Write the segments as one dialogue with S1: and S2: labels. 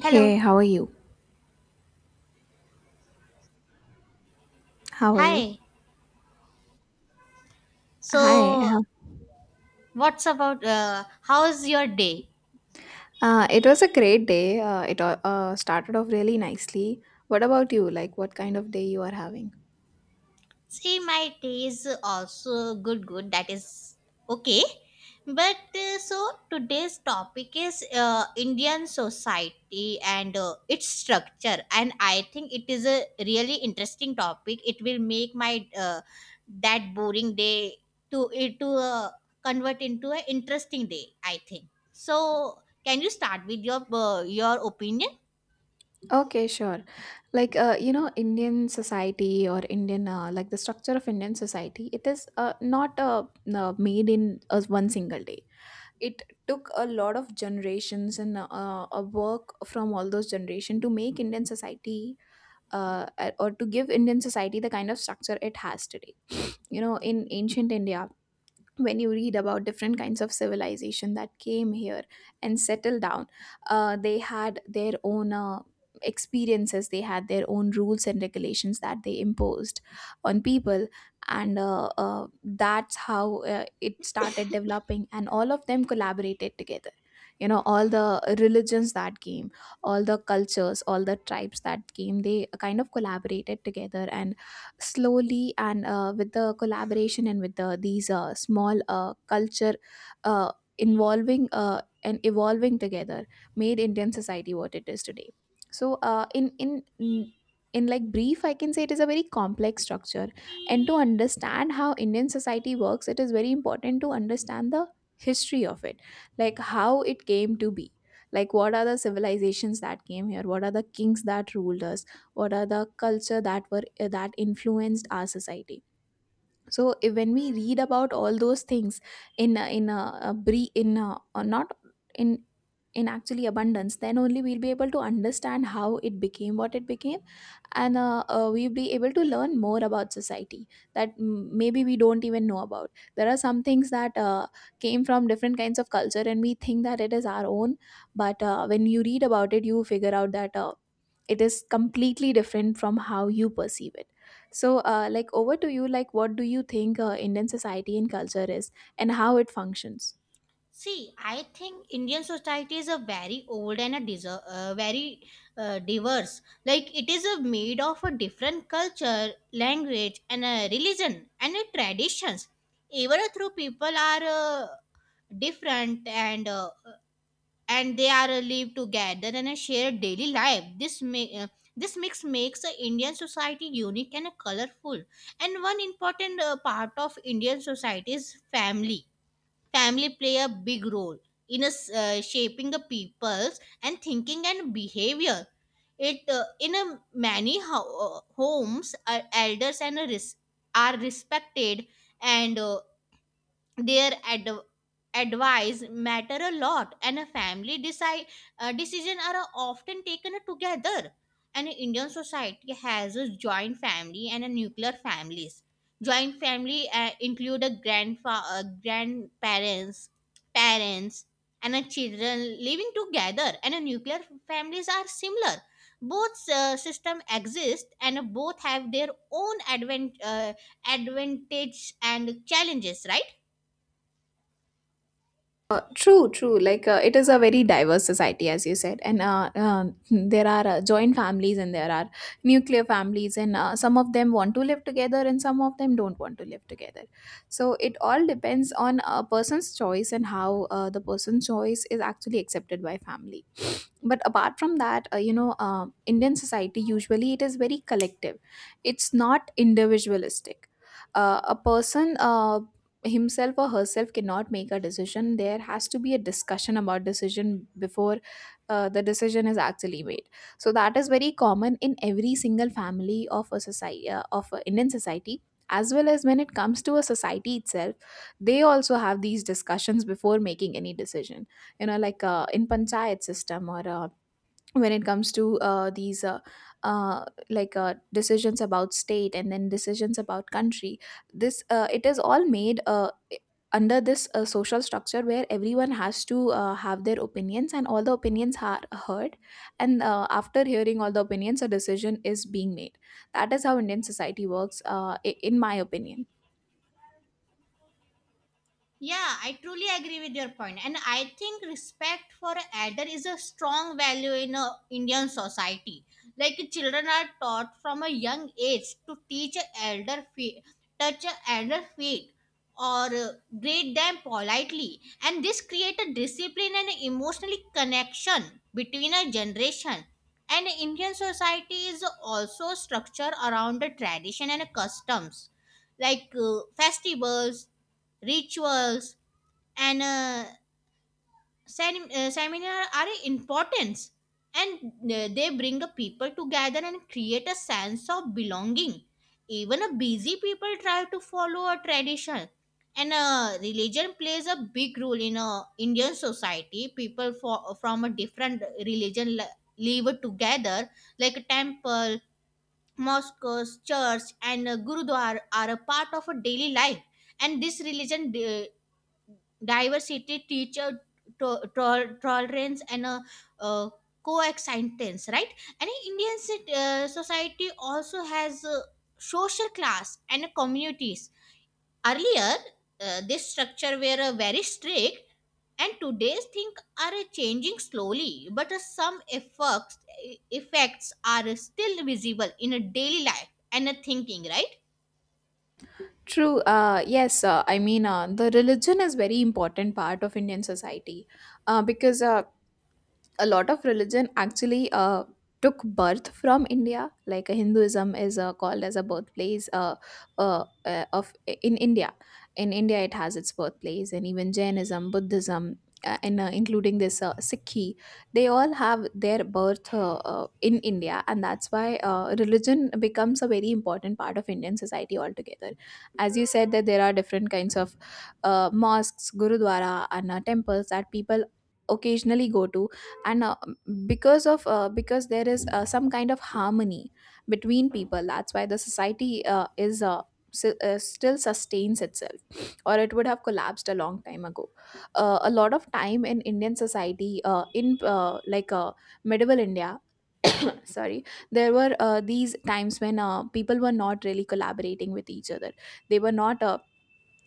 S1: Hey, how are you? How are you?
S2: Hi.
S1: Hi.
S2: So, what's about how's your day?
S1: It was a great day. It started off really nicely. What about you? Like, what kind of day you are having?
S2: See, my day is also good, good. That is okay. But so today's topic is Indian society and its structure, and I think it is a really interesting topic. It will make my that boring day to convert into an interesting day, I think. So, can you start with your opinion?
S1: Okay, sure. Like, Indian society or Indian, like the structure of Indian society, it is not made in one single day. It took a lot of generations and a work from all those generation to make Indian society uh, or to give Indian society the kind of structure it has today. You know, in ancient india, when you read about different kinds of civilization that came here and settled down, they had their own experiences, they had their own rules and regulations that they imposed on people, and that's how it started developing and all of them collaborated together. You know, all the religions that came, all the cultures, all the tribes that came, they kind of collaborated together, and slowly and with the collaboration and with these small culture uh, involving and evolving together made indian society what it is today. So in like brief I can say it is a very complex structure, and to understand how indian society works, it is very important to understand the history of it, like how it came to be, like what are the civilizations that came here, what are the kings that ruled us, what are the culture that were that influenced our society. So if, when we read about all those things in a- in a, a brief in a, or not in actually abundance, then only we'll be able to understand how it became what it became, and we'll be able to learn more about society that maybe we don't even know about. There are some things that came from different kinds of culture and we think that it is our own, but when you read about it you figure out that it is completely different from how you perceive it. So like, over to you, like what do you think indian society and culture is and how it functions.
S2: See, I think Indian society is a very old and a very diverse. Like it is a made of a different culture, language, and a religion and a traditions. Even through people are different and they are live together and share daily life. This may. This mix makes the Indian society unique and colorful. And one important part of Indian society is family. Family play a big role in a shaping the people's and thinking and behavior. It in a many homes elders and a are respected, and their advice matter a lot, and a family decide, decision are often taken together. And Indian society has a joint family and a nuclear families. Joint family include a grandparents, parents, and a children living together, and a nuclear families are similar. Both system exist and both have their own advent advantage and challenges, right?
S1: True, true. Like it is a very diverse society, as you said, and there are joint families and there are nuclear families, and some of them want to live together and some of them don't want to live together. So it all depends on a person's choice and how the person's choice is actually accepted by family. But apart from that, indian society, usually it is very collective, it's not individualistic. A person himself or herself cannot make a decision, there has to be a discussion about decision before the decision is actually made. So that is very common in every single family of a society, of a indian society, as well as when it comes to a society itself, they also have these discussions before making any decision. You know, like in panchayat system, or when it comes to these like decisions about state and then decisions about country, this it is all made under this social structure where everyone has to have their opinions and all the opinions are heard, and after hearing all the opinions a decision is being made. That is how indian society works, in my opinion.
S2: Yeah, I truly agree with your point. And I think respect for elder is a strong value in a Indian society. Like children are taught from a young age to teach a elder feet, touch a elder feet, or greet them politely. And this creates a discipline and emotional connection between a generation. And Indian society is also structured around the tradition and customs, like festivals, rituals, and seminar are important, and they bring the people together and create a sense of belonging. Even a busy people try to follow a tradition. And religion plays a big role in Indian society. People for, from a different religion live together, like a temple, mosques, church, and gurudwara are a part of a daily life. And this religion diversity, teacher to, tolerance, and a uh, coexistence, right? And Indian society also has a social class and communities. Earlier, this structure were very strict, and today's things are changing slowly, but some effects, effects are still visible in a daily life and a thinking, right?
S1: True. Yes. The religion is very important part of Indian society, because a lot of religion actually took birth from India. Like Hinduism is called as a birthplace of in India. In India, it has its birthplace, and even Jainism, Buddhism, and including this Sikhi, they all have their birth in India, and that's why religion becomes a very important part of Indian society altogether. As you said, that there are different kinds of mosques, gurudwara, and temples that people occasionally go to. And because there is some kind of harmony between people, that's why the society still sustains itself, or it would have collapsed a long time ago. A lot of time in indian society, in like medieval india, sorry, there were these times when people were not really collaborating with each other. They were not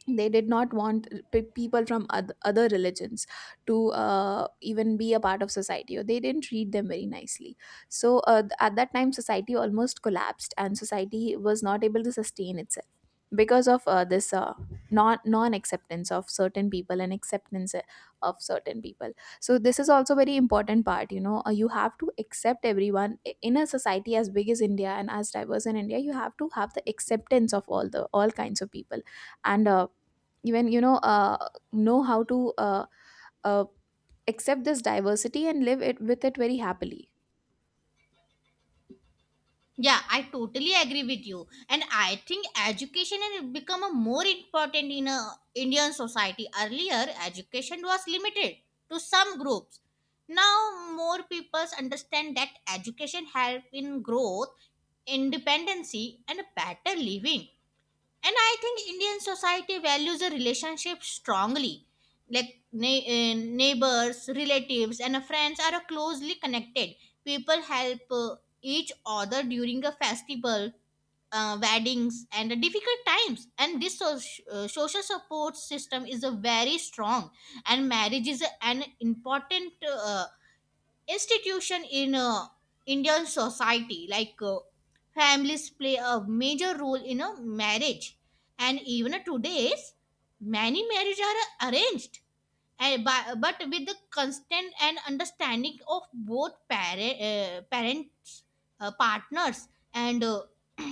S1: they did not want people from other religions to even be a part of society, or they didn't treat them very nicely. So at that time society almost collapsed and society was not able to sustain itself because of this non acceptance of certain people and acceptance of certain people. So this is also very important part. You know, you have to accept everyone in a society as big as india and as diverse in india, you have to have the acceptance of all the all kinds of people, and even you know how to uh, accept this diversity and live it with it very happily.
S2: Yeah, I totally agree with you. And I think education has become a more important in a Indian society. Earlier, education was limited to some groups. Now, more people understand that education help in growth, independency, and better living. And I think Indian society values a relationship strongly, like nei- eh, neighbors, relatives, and friends are closely connected. People help each other during a festival, weddings, and difficult times, and this social support system is a very strong. And marriage is an important institution in Indian society. Like families play a major role in a marriage, and even today's many marriages are arranged, and by, but with the constant and understanding of both parent, parents, partners, and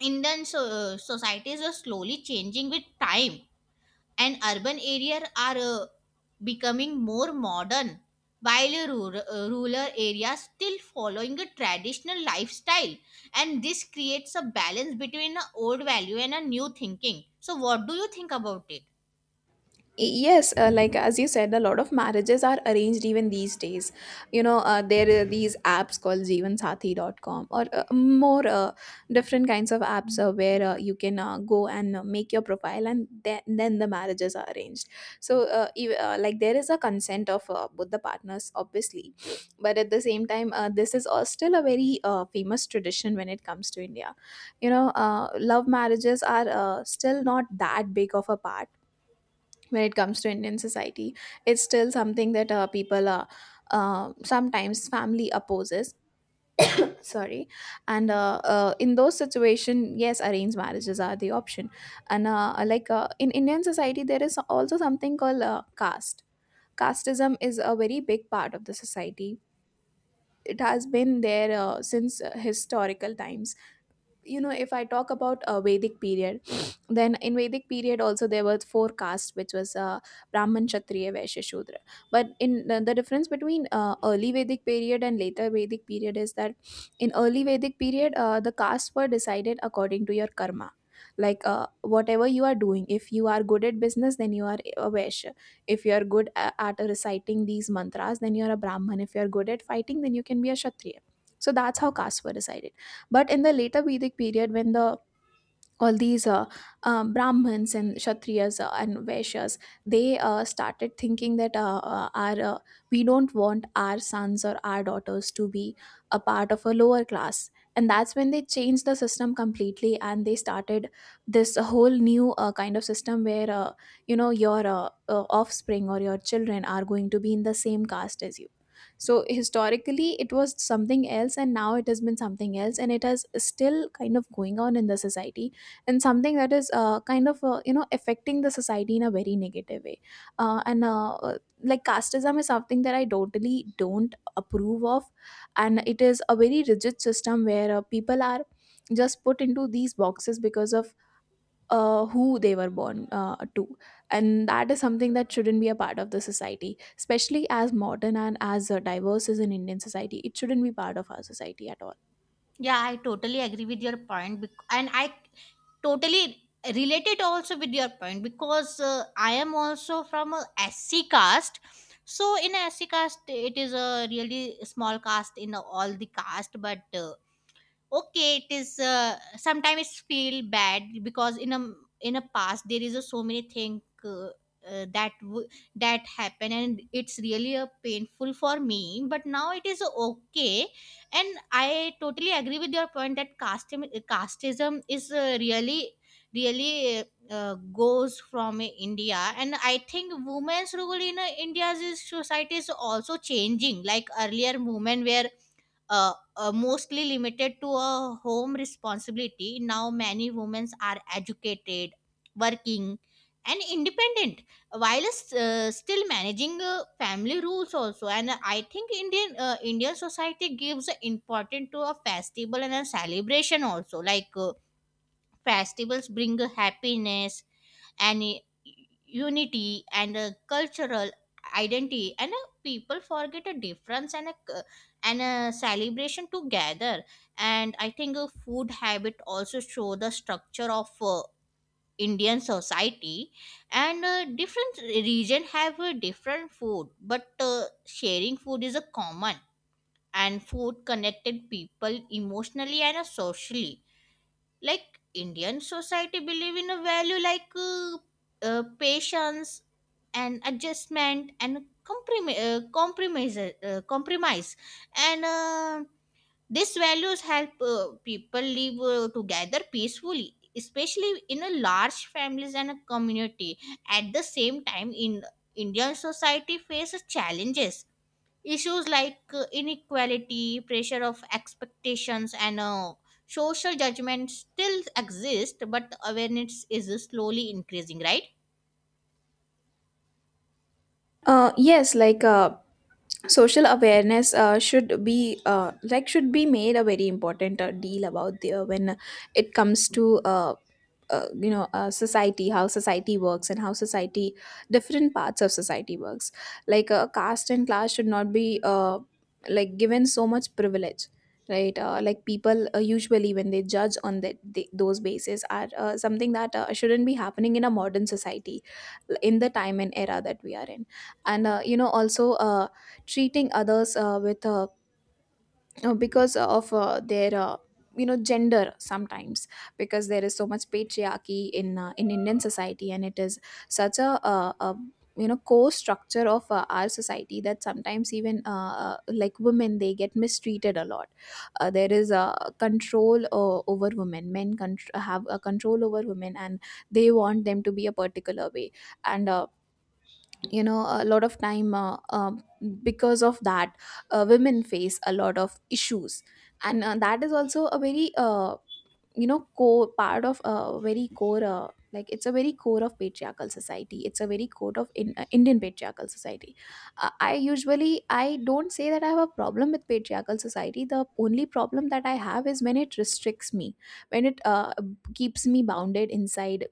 S2: Indian society is slowly changing with time, and urban areas are becoming more modern, while rural areas still following a traditional lifestyle, and this creates a balance between an old value and a new thinking. So what do you think about it?
S1: Yes, like as you said, a lot of marriages are arranged even these days. You know, there are these apps called JeevanSathi.com or more different kinds of apps where you can go and make your profile, and then the marriages are arranged. So, like, there is a consent of both the partners, obviously. But at the same time, this is still a very famous tradition when it comes to India. You know, love marriages are still not that big of a part when it comes to Indian society. It's still something that people are sometimes family opposes. Sorry, and in those situation, yes, arranged marriages are the option. And in Indian society, there is also something called caste. Casteism is a very big part of the society. It has been there since historical times. You know, if I talk about a vedic period, then in vedic period also there were four castes, which was brahman, kshatriya, vaishya, shudra. But in the difference between early vedic period and later vedic period is that in early vedic period the castes were decided according to your karma. Like whatever you are doing, if you are good at business then you are a vaishya, if you are good at reciting these mantras then you are a brahman, if you are good at fighting then you can be a kshatriya. So that's how castes were decided. But in the later Vedic period, when the all these brahmins and kshatriyas and vaishyas, they started thinking that our we don't want our sons or our daughters to be a part of a lower class. And that's when they changed the system completely and they started this whole new kind of system where you know your offspring or your children are going to be in the same caste as you. So historically it was something else and now it has been something else, and it has still kind of going on in the society, and something that is affecting the society in a very negative way. And Like, casteism is something that I totally don't approve of, and it is a very rigid system where people are just put into these boxes because of who they were born to. And that is something that shouldn't be a part of the society, especially as modern and as diverse as an Indian society. It shouldn't be part of our society at all.
S2: Yeah, I totally agree with your point, and I totally related also with your point, because I am also from a SC caste. So in SC caste, it is a really small caste in all the caste, but okay, it is sometimes it's feel bad, because in a past there is a so many thing uh, that w- that happen, and it's really a painful for me, but now it is okay. And I totally agree with your point that casteism is really really goes from India. And I think women's role in India's society is also changing. Like earlier women were mostly limited to a home responsibility. Now, many women are educated, working, and independent, while still managing family rules also. And I think Indian society gives importance to a festival and a celebration also. Like festivals bring happiness and unity and a cultural identity, and a people forget a difference and and a celebration together. And I think a food habit also show the structure of Indian society. And different region have a different food, but sharing food is a common, and food connected people emotionally and socially. Like Indian society believe in a value, like patience and adjustment and compromise. And these values help people live together peacefully, especially in a large families and a community. At the same time, in Indian society faces challenges. Issues like inequality, pressure of expectations, and social judgment still exist, but awareness is slowly increasing, right?
S1: Yes, like social awareness should be should be made a very important deal about when it comes to society, how society works and how society, different parts of society works. Like caste and class should not be given so much privilege, right? Like people usually when they judge on those bases are something that shouldn't be happening in a modern society, in the time and era that we are in. And you know also treating others with because of their gender sometimes, because there is so much patriarchy in Indian society, and it is such a core structure of our society that sometimes even like women, they get mistreated a lot. There is a control over women. Men contr have a control over women and they want them to be a particular way. And a lot of time because of that, women face a lot of issues. And that is also a very core part of a very core, it's a very core of patriarchal society, it's a very core of Indian patriarchal society. Uh, i usually, I don't say that I have a problem with patriarchal society. The only problem that I have is when it restricts me, when it keeps me bounded inside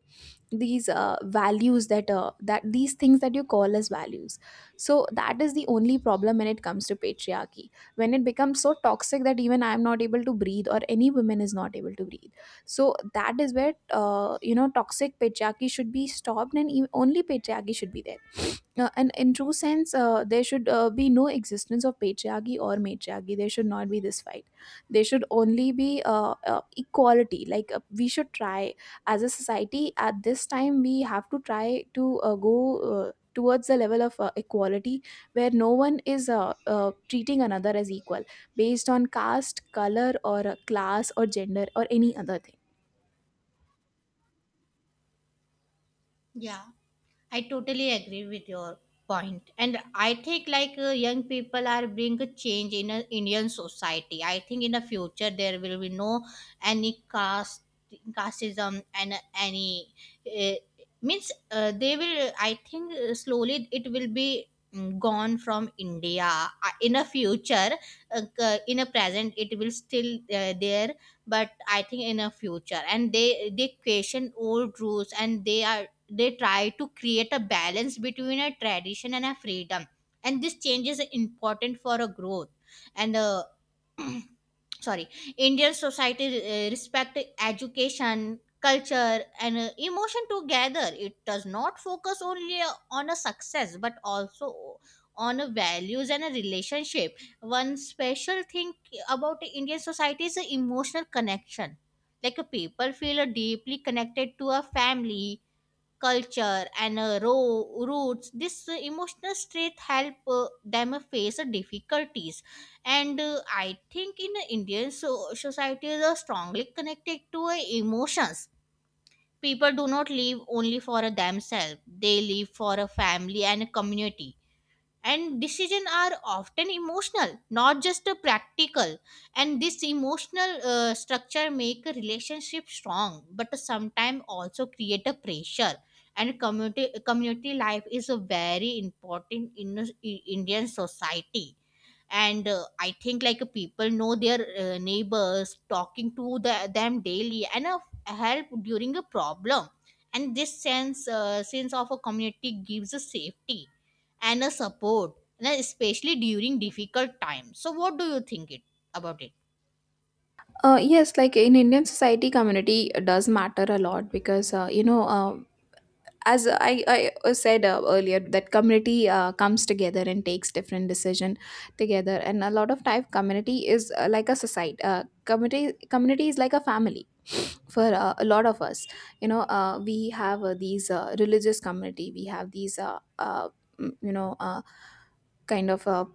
S1: these values that that these things that you call as values. So that is the only problem when it comes to patriarchy, when it becomes so toxic that even I am not able to breathe or any woman is not able to breathe. So that is where toxic patriarchy should be stopped and only patriarchy should be there. And in true sense, there should be no existence of patriarchy or matriarchy. There should not be this fight. There should only be equality. Like we should try as a society. At this time, we have to try to go towards the level of equality, where no one is treating another as equal based on caste, color, or class, or gender, or any other thing.
S2: Yeah. I totally agree with your point, and I think like young people are bring a change in a Indian society. I think in the future there will be no any caste, casteism and any uh, means they will. I think slowly it will be gone from India in a future. In a present, it will still there, but I think in a future, and they question old rules, and they try to create a balance between a tradition and a freedom. And this change is important for a growth. And sorry. Indian society respect education, culture, and emotion together. It does not focus only on a success, but also on a values and a relationship. One special thing about the Indian society is the emotional connection. Like a people feel deeply connected to a family, culture, and roots. This emotional strength help them face difficulties. And I think in Indian societies are strongly connected to emotions. People do not live only for themselves. They live for a family and a community, and decisions are often emotional, not just practical. And this emotional structure make a relationship strong, but sometimes also create a pressure. And community life is a very important in Indian society. And I think like people know their neighbors, talking to the, them daily, and help during a problem. And this sense of a community gives a safety and a support, and especially during difficult times. So what do you think it about it?
S1: Yes, like in Indian society, community does matter a lot, because as I said earlier that community comes together and takes different decision together. And a lot of time, community is like a society. Community is like a family for a lot of us. We have these religious community, we have these mm, you know kind of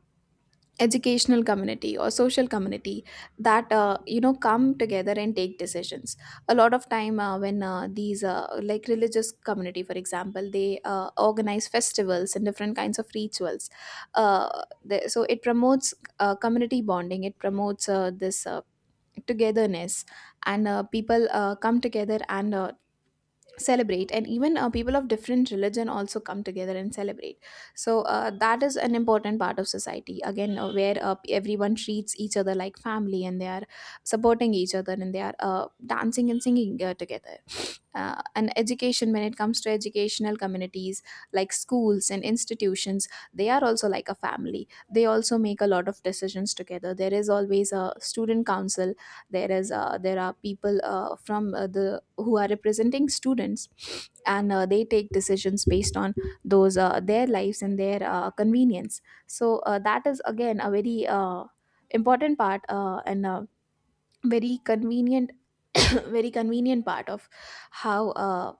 S1: educational community or social community that come together and take decisions. A lot of time when these like religious community, for example, they organize festivals and different kinds of rituals. Uh, the So it promotes community bonding, it promotes this togetherness. And people come together and celebrate, and even people of different religion also come together and celebrate. So that is an important part of society again, where everyone treats each other like family, and they are supporting each other, and they are dancing and singing together. And education, when it comes to educational communities like schools and institutions, they are also like a family. They also make a lot of decisions together. There is always a student council. There is uh, there are people from the who are representing students. And they take decisions based on those their lives and their convenience. So that is again a very important part, and a very convenient very convenient part of how uh,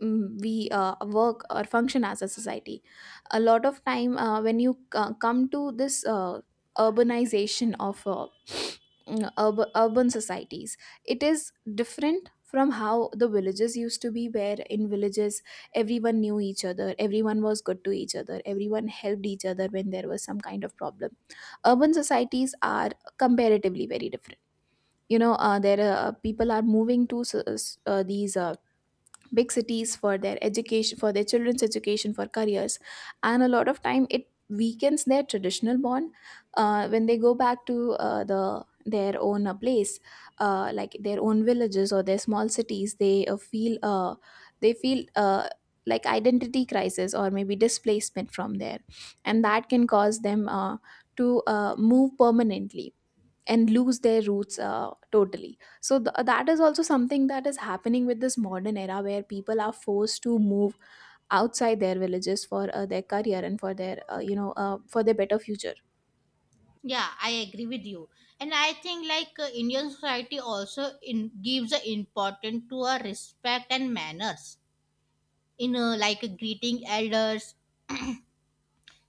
S1: mm, we work or function as a society. A lot of time when you come to this urbanization of urban societies, it is different from how the villages used to be, where in villages everyone knew each other, everyone was good to each other, everyone helped each other when there was some kind of problem. Urban societies are comparatively very different. You know there are People are moving to s- s- these big cities for their education, for their children's education, for careers. And a lot of time, it weakens their traditional bond. When they go back to their own place, like their own villages or their small cities, they feel they feel like identity crisis or maybe displacement from there, and that can cause them to move permanently and lose their roots totally. So that is also something that is happening with this modern era, where people are forced to move outside their villages for their career and for their for their better future.
S2: Yeah, I agree with you. And I think like Indian society also in gives an importance to a respect and manners in like greeting elders,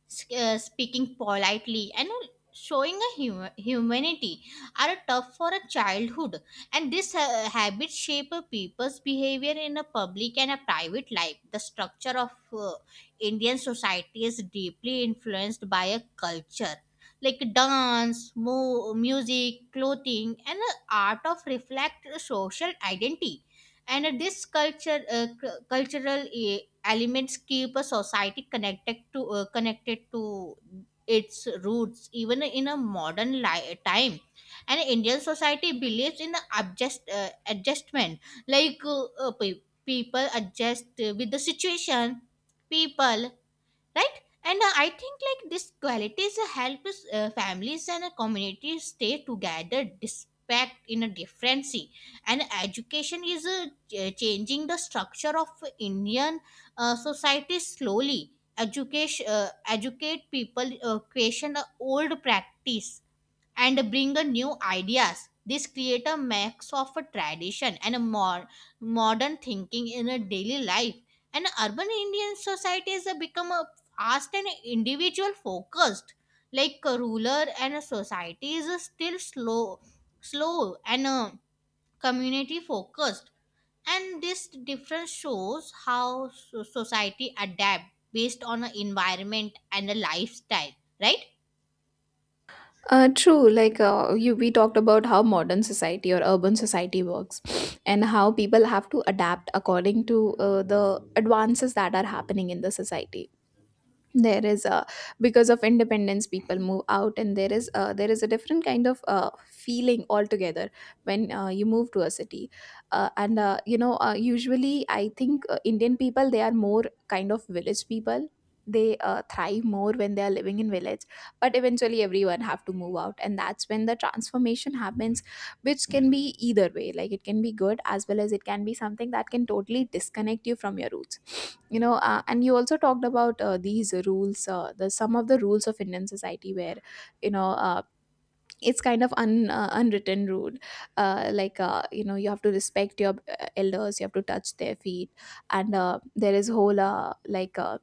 S2: speaking politely, and showing a humanity are tough for a childhood, and this habit shape a people's behavior in a public and a private life. The structure of Indian society is deeply influenced by a culture, like dance, music, clothing, and the art of reflect social identity. And cultural elements keep a society connected to, connected to its roots even in a modern time. And Indian society believes in the adjustment, like people adjust with the situation, people, right? And I think like these qualities help us, families and communities stay together despite in a difference. And education is changing the structure of Indian society slowly. Education educate people, question the old practice, and bring a new ideas. This create a mix of a tradition and a more modern thinking in a daily life. And urban Indian societies have become a fast and individual focused, like a ruler and a society is still slow, slow and community focused, and this difference shows how society adapt based on a environment and a lifestyle, right?
S1: True. Like we talked about how modern society or urban society works, and how people have to adapt according to the advances that are happening in the society. There is a, because of independence, people move out, and there is a different kind of feeling altogether when you move to a city. And usually, I think Indian people, they are more kind of village people. They thrive more when they are living in village. But eventually everyone have to move out, and that's when the transformation happens, which can be either way. Like it can be good, as well as it can be something that can totally disconnect you from your roots. And you also talked about these rules, the some of the rules of Indian society, where you know uh, it's kind of unwritten rule. Like you have to respect your elders, you have to touch their feet. And there is whole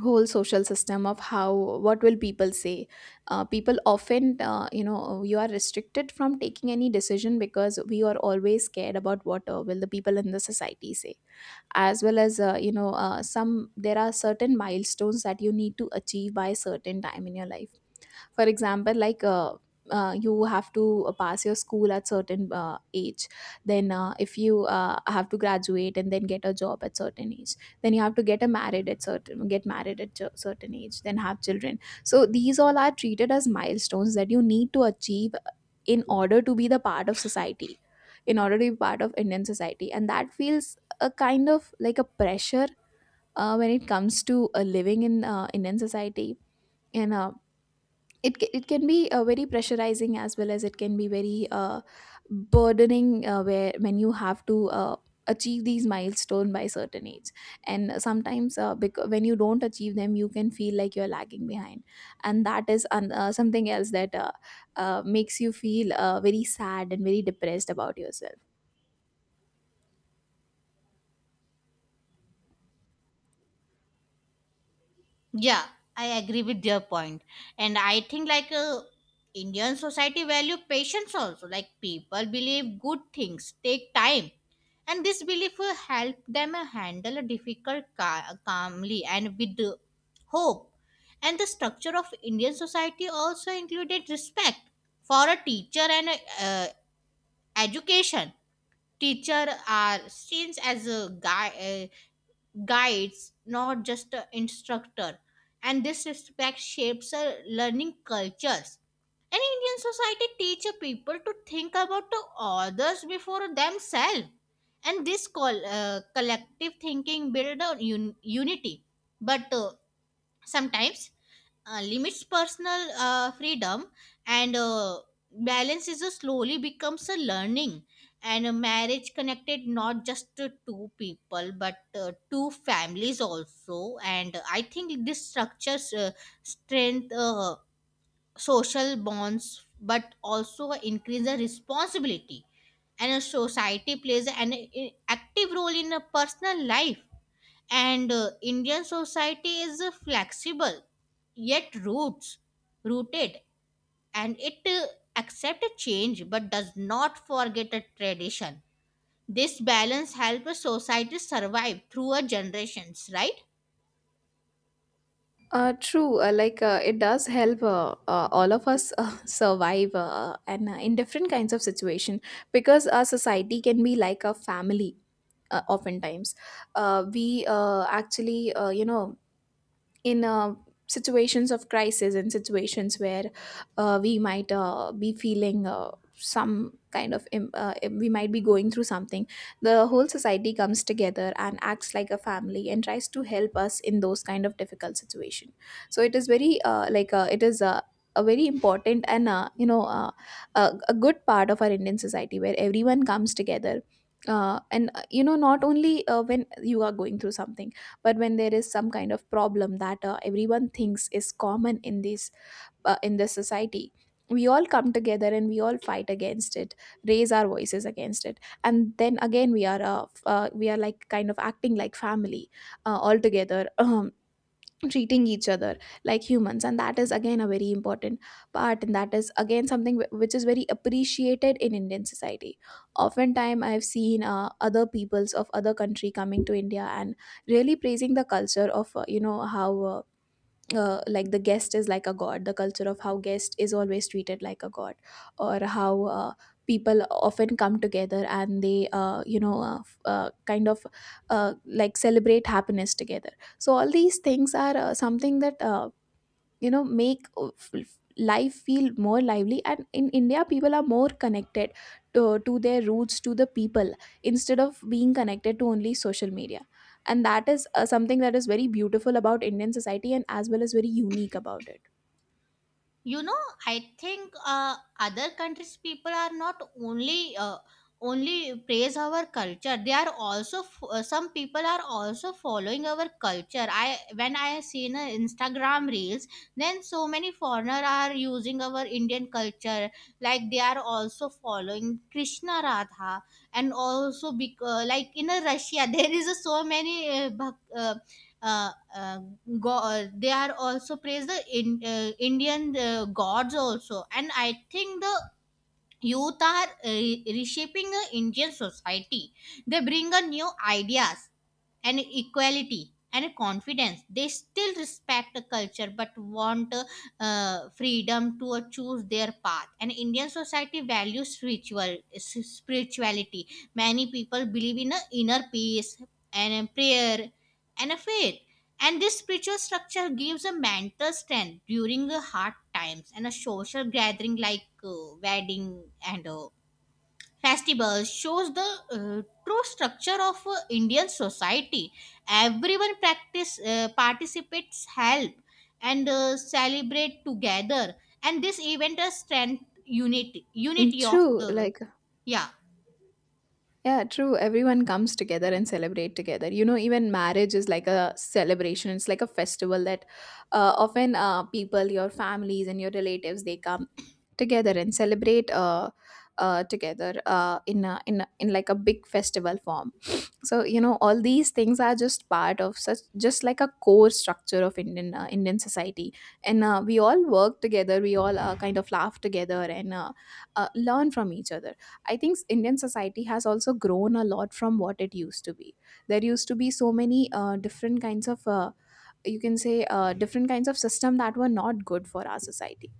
S1: whole social system of how, what will people say. People often, you are restricted from taking any decision because we are always scared about what will the people in the society say. As well as you know some there are certain milestones that you need to achieve by a certain time in your life. For example, like you have to pass your school at certain age, then if you have to graduate and then get a job at certain age, then you have to get married at certain age, then have children. So these all are treated as milestones that you need to achieve in order to be the part of society, in order to be part of Indian society. And that feels a kind of like a pressure when it comes to living in Indian society. And it can be very pressurizing, as well as it can be very burdening, where when you have to achieve these milestone by certain age. And sometimes when you don't achieve them, you can feel like you're lagging behind. And that is something else that makes you feel very sad and very depressed about yourself.
S2: Yeah, I agree with your point. And I think like Indian society value patience also. Like people believe good things take time. And this belief will help them handle a difficult calmly and with hope. And the structure of Indian society also included respect for a teacher and uh, education. Teacher are seen as a guy guides, not just an instructor. And this respect shapes our learning cultures. And Indian society teaches people to think about the others before themselves. And this collective thinking builds a unity. But sometimes limits personal freedom and balance is a slowly becomes a learning. And a marriage connected not just to two people but two families also, and I think this structures strength social bonds but also increase the responsibility. And a society plays an active role in a personal life. And Indian society is flexible yet roots rooted, and it accept a change but does not forget a tradition. This balance helps a society survive through a generations, right?
S1: True. Like it does help all of us survive and in different kinds of situation, because our society can be like a family. Oftentimes, we actually you know in situations of crisis, in situations where we might be feeling some kind of im- we might be going through something, the whole society comes together and acts like a family and tries to help us in those kind of difficult situation. So it is very like it is a very important and a good part of our Indian society, where everyone comes together. And not only when you are going through something, but when there is some kind of problem that everyone thinks is common in this society, we all come together and we all fight against it, raise our voices against it. And then again, we are we are like kind of acting like family all together, treating each other like humans. And that is again a very important part, and that is again something which is very appreciated in Indian society. Oftentimes, I've seen other peoples of other country coming to India and really praising the culture of how the guest is like a god, the culture of how guest is always treated like a god, or how people often come together, and they kind of like celebrate happiness together. So all these things are something that make life feel more lively. And in India, people are more connected to their roots, to the people, instead of being connected to only social media. And that is something that is very beautiful about Indian society, and as well as very unique about it.
S2: You know, I think other countries people are not only only praise our culture. They are also some people are also following our culture. I when I have seen Instagram reels, then so many foreigner are using our Indian culture, like they are also following Krishna Radha. And also like in Russia there is a so many uh, uh, they are also praise the Indian gods also. And I think the youth are reshaping the Indian society. They bring a new ideas and equality and confidence. They still respect the culture but want freedom to choose their path. And Indian society values spirituality. Many people believe in a inner peace and a prayer and a faith, and this spiritual structure gives a mental strength during hard times. And a social gathering like wedding and festival shows the true structure of Indian society. Everyone practice participates, help and celebrate together, and this event has strength, unity,
S1: Mm,
S2: unity of
S1: true
S2: the.
S1: like
S2: Yeah.
S1: Yeah, true. Everyone comes together and celebrate together. You know, even marriage is like a celebration. It's like a festival that often people, your families, and your relatives, they come together and celebrate together in like a big festival form. So you know, all these things are just part of such, just like a core structure of Indian society. And we all work together. We all kind of laugh together, and learn from each other. I think Indian society has also grown a lot from what it used to be. There used to be so many different kinds of, you can say different kinds of system that were not good for our society.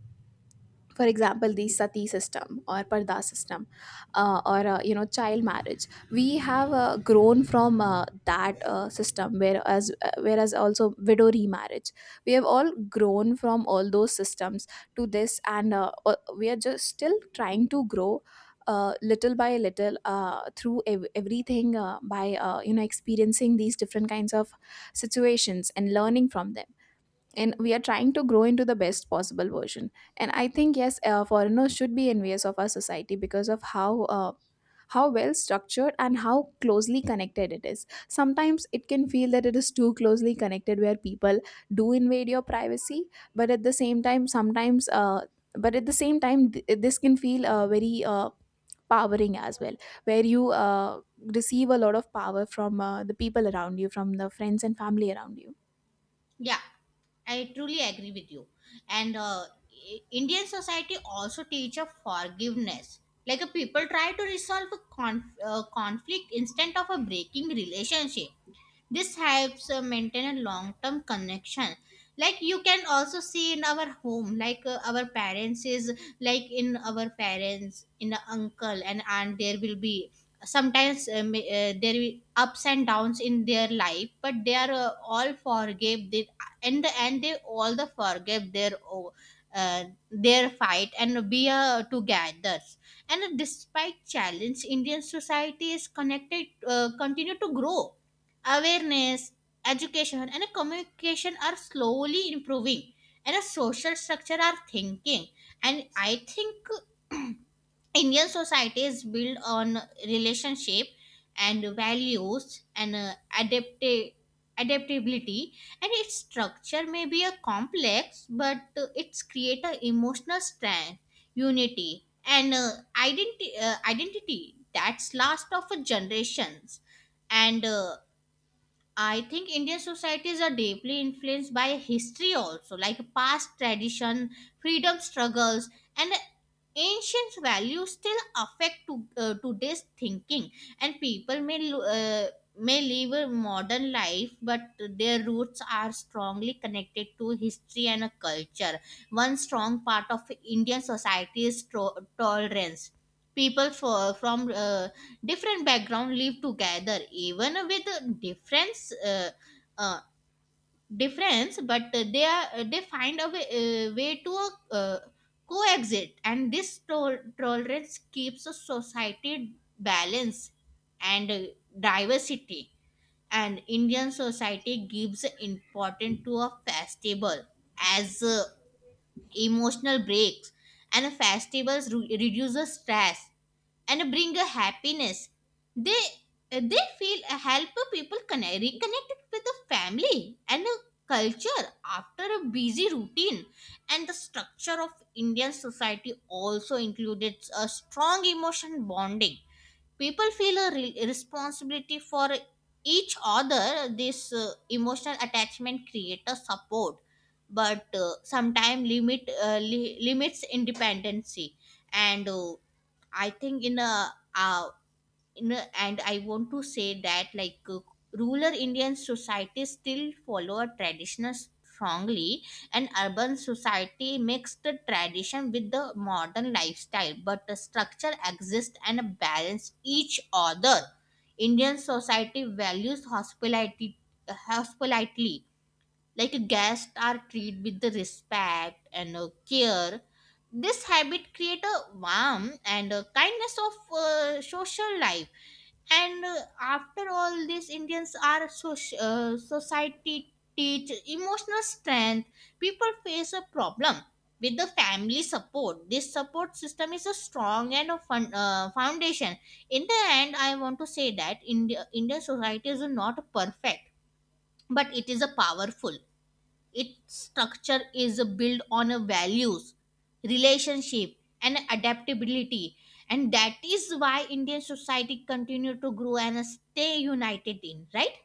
S1: For example, the sati system or parda system, or child marriage. We have grown from that system, whereas also widow remarriage, we have all grown from all those systems to this. And we are just still trying to grow little by little everything by experiencing these different kinds of situations and learning from them. And we are trying to grow into the best possible version. And I think yes, foreigners should be envious of our society because of how well structured and how closely connected it is. Sometimes it can feel that it is too closely connected, where people do invade your privacy. But at the same time, sometimes but at the same time th- this can feel very powering as well, where you receive a lot of power from the people around you, from the friends and family around you.
S2: yeah I truly agree with you. And Indian society also teach of forgiveness, like people try to resolve a conflict instead of a breaking relationship. This helps maintain a long term connection. Like you can also see in our home, like our parents is like in our parents, in a uncle and aunt, there will be sometimes there will ups and downs in their life, but they are all forgive. They In the end they all the forgive their uh, their fight and be together. And despite challenge, Indian society is connected, continue to grow awareness, education, and communication are slowly improving, and a social structure are thinking. And I think Indian society is built on relationship and values and adaptability, and its structure may be a complex but it's create a emotional strength, unity, and identity that's last of a generations. And I think Indian societies are deeply influenced by history also, like past tradition, freedom struggles, and ancient values still affect to, today's thinking. And people may live a modern life, but their roots are strongly connected to history and a culture. One strong part of Indian society is tolerance. People from different background live together even with uh, difference, but they find a way, way to coexist, and this tolerance keeps a society balance and diversity. And Indian society gives importance to a festival as emotional breaks, and festivals reduces stress and bring a happiness. They they feel help people connect, reconnect with the family and a culture after a busy routine. And the structure of Indian society also included a strong emotion bonding. People feel a responsibility for each other. This emotional attachment create a support, but sometimes limits independency and. I think in a, and I want to say that like rural Indian society still follow a traditional strongly, and urban society mix the tradition with the modern lifestyle. But the structure exists and balance each other. Indian society values hospitality, like guests are treated with the respect and care. This habit create a warmth and a kindness of social life. And After all these Indians are society teach emotional strength. People face a problem with the family support. This support system is a strong and a foundation. In the end I want to say that Indian society is not perfect, but it is a powerful. Its structure is built on a values, relationship, and adaptability, and that is why Indian society continue to grow and stay united in, right?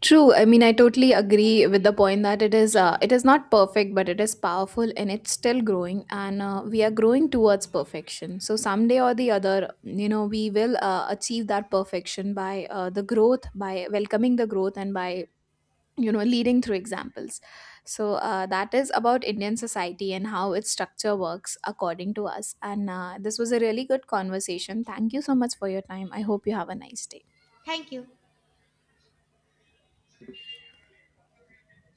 S1: True. I mean, I totally agree with the point that it is, it is not perfect, but it is powerful and it's still growing, and we are growing towards perfection. So someday or the other, you know, we will achieve that perfection by the growth, by welcoming the growth, and by, you know, leading through examples. So that is about Indian society and how its structure works according to us. And this was a really good conversation. Thank you so much for your time. I hope you have a nice day.
S2: Thank you.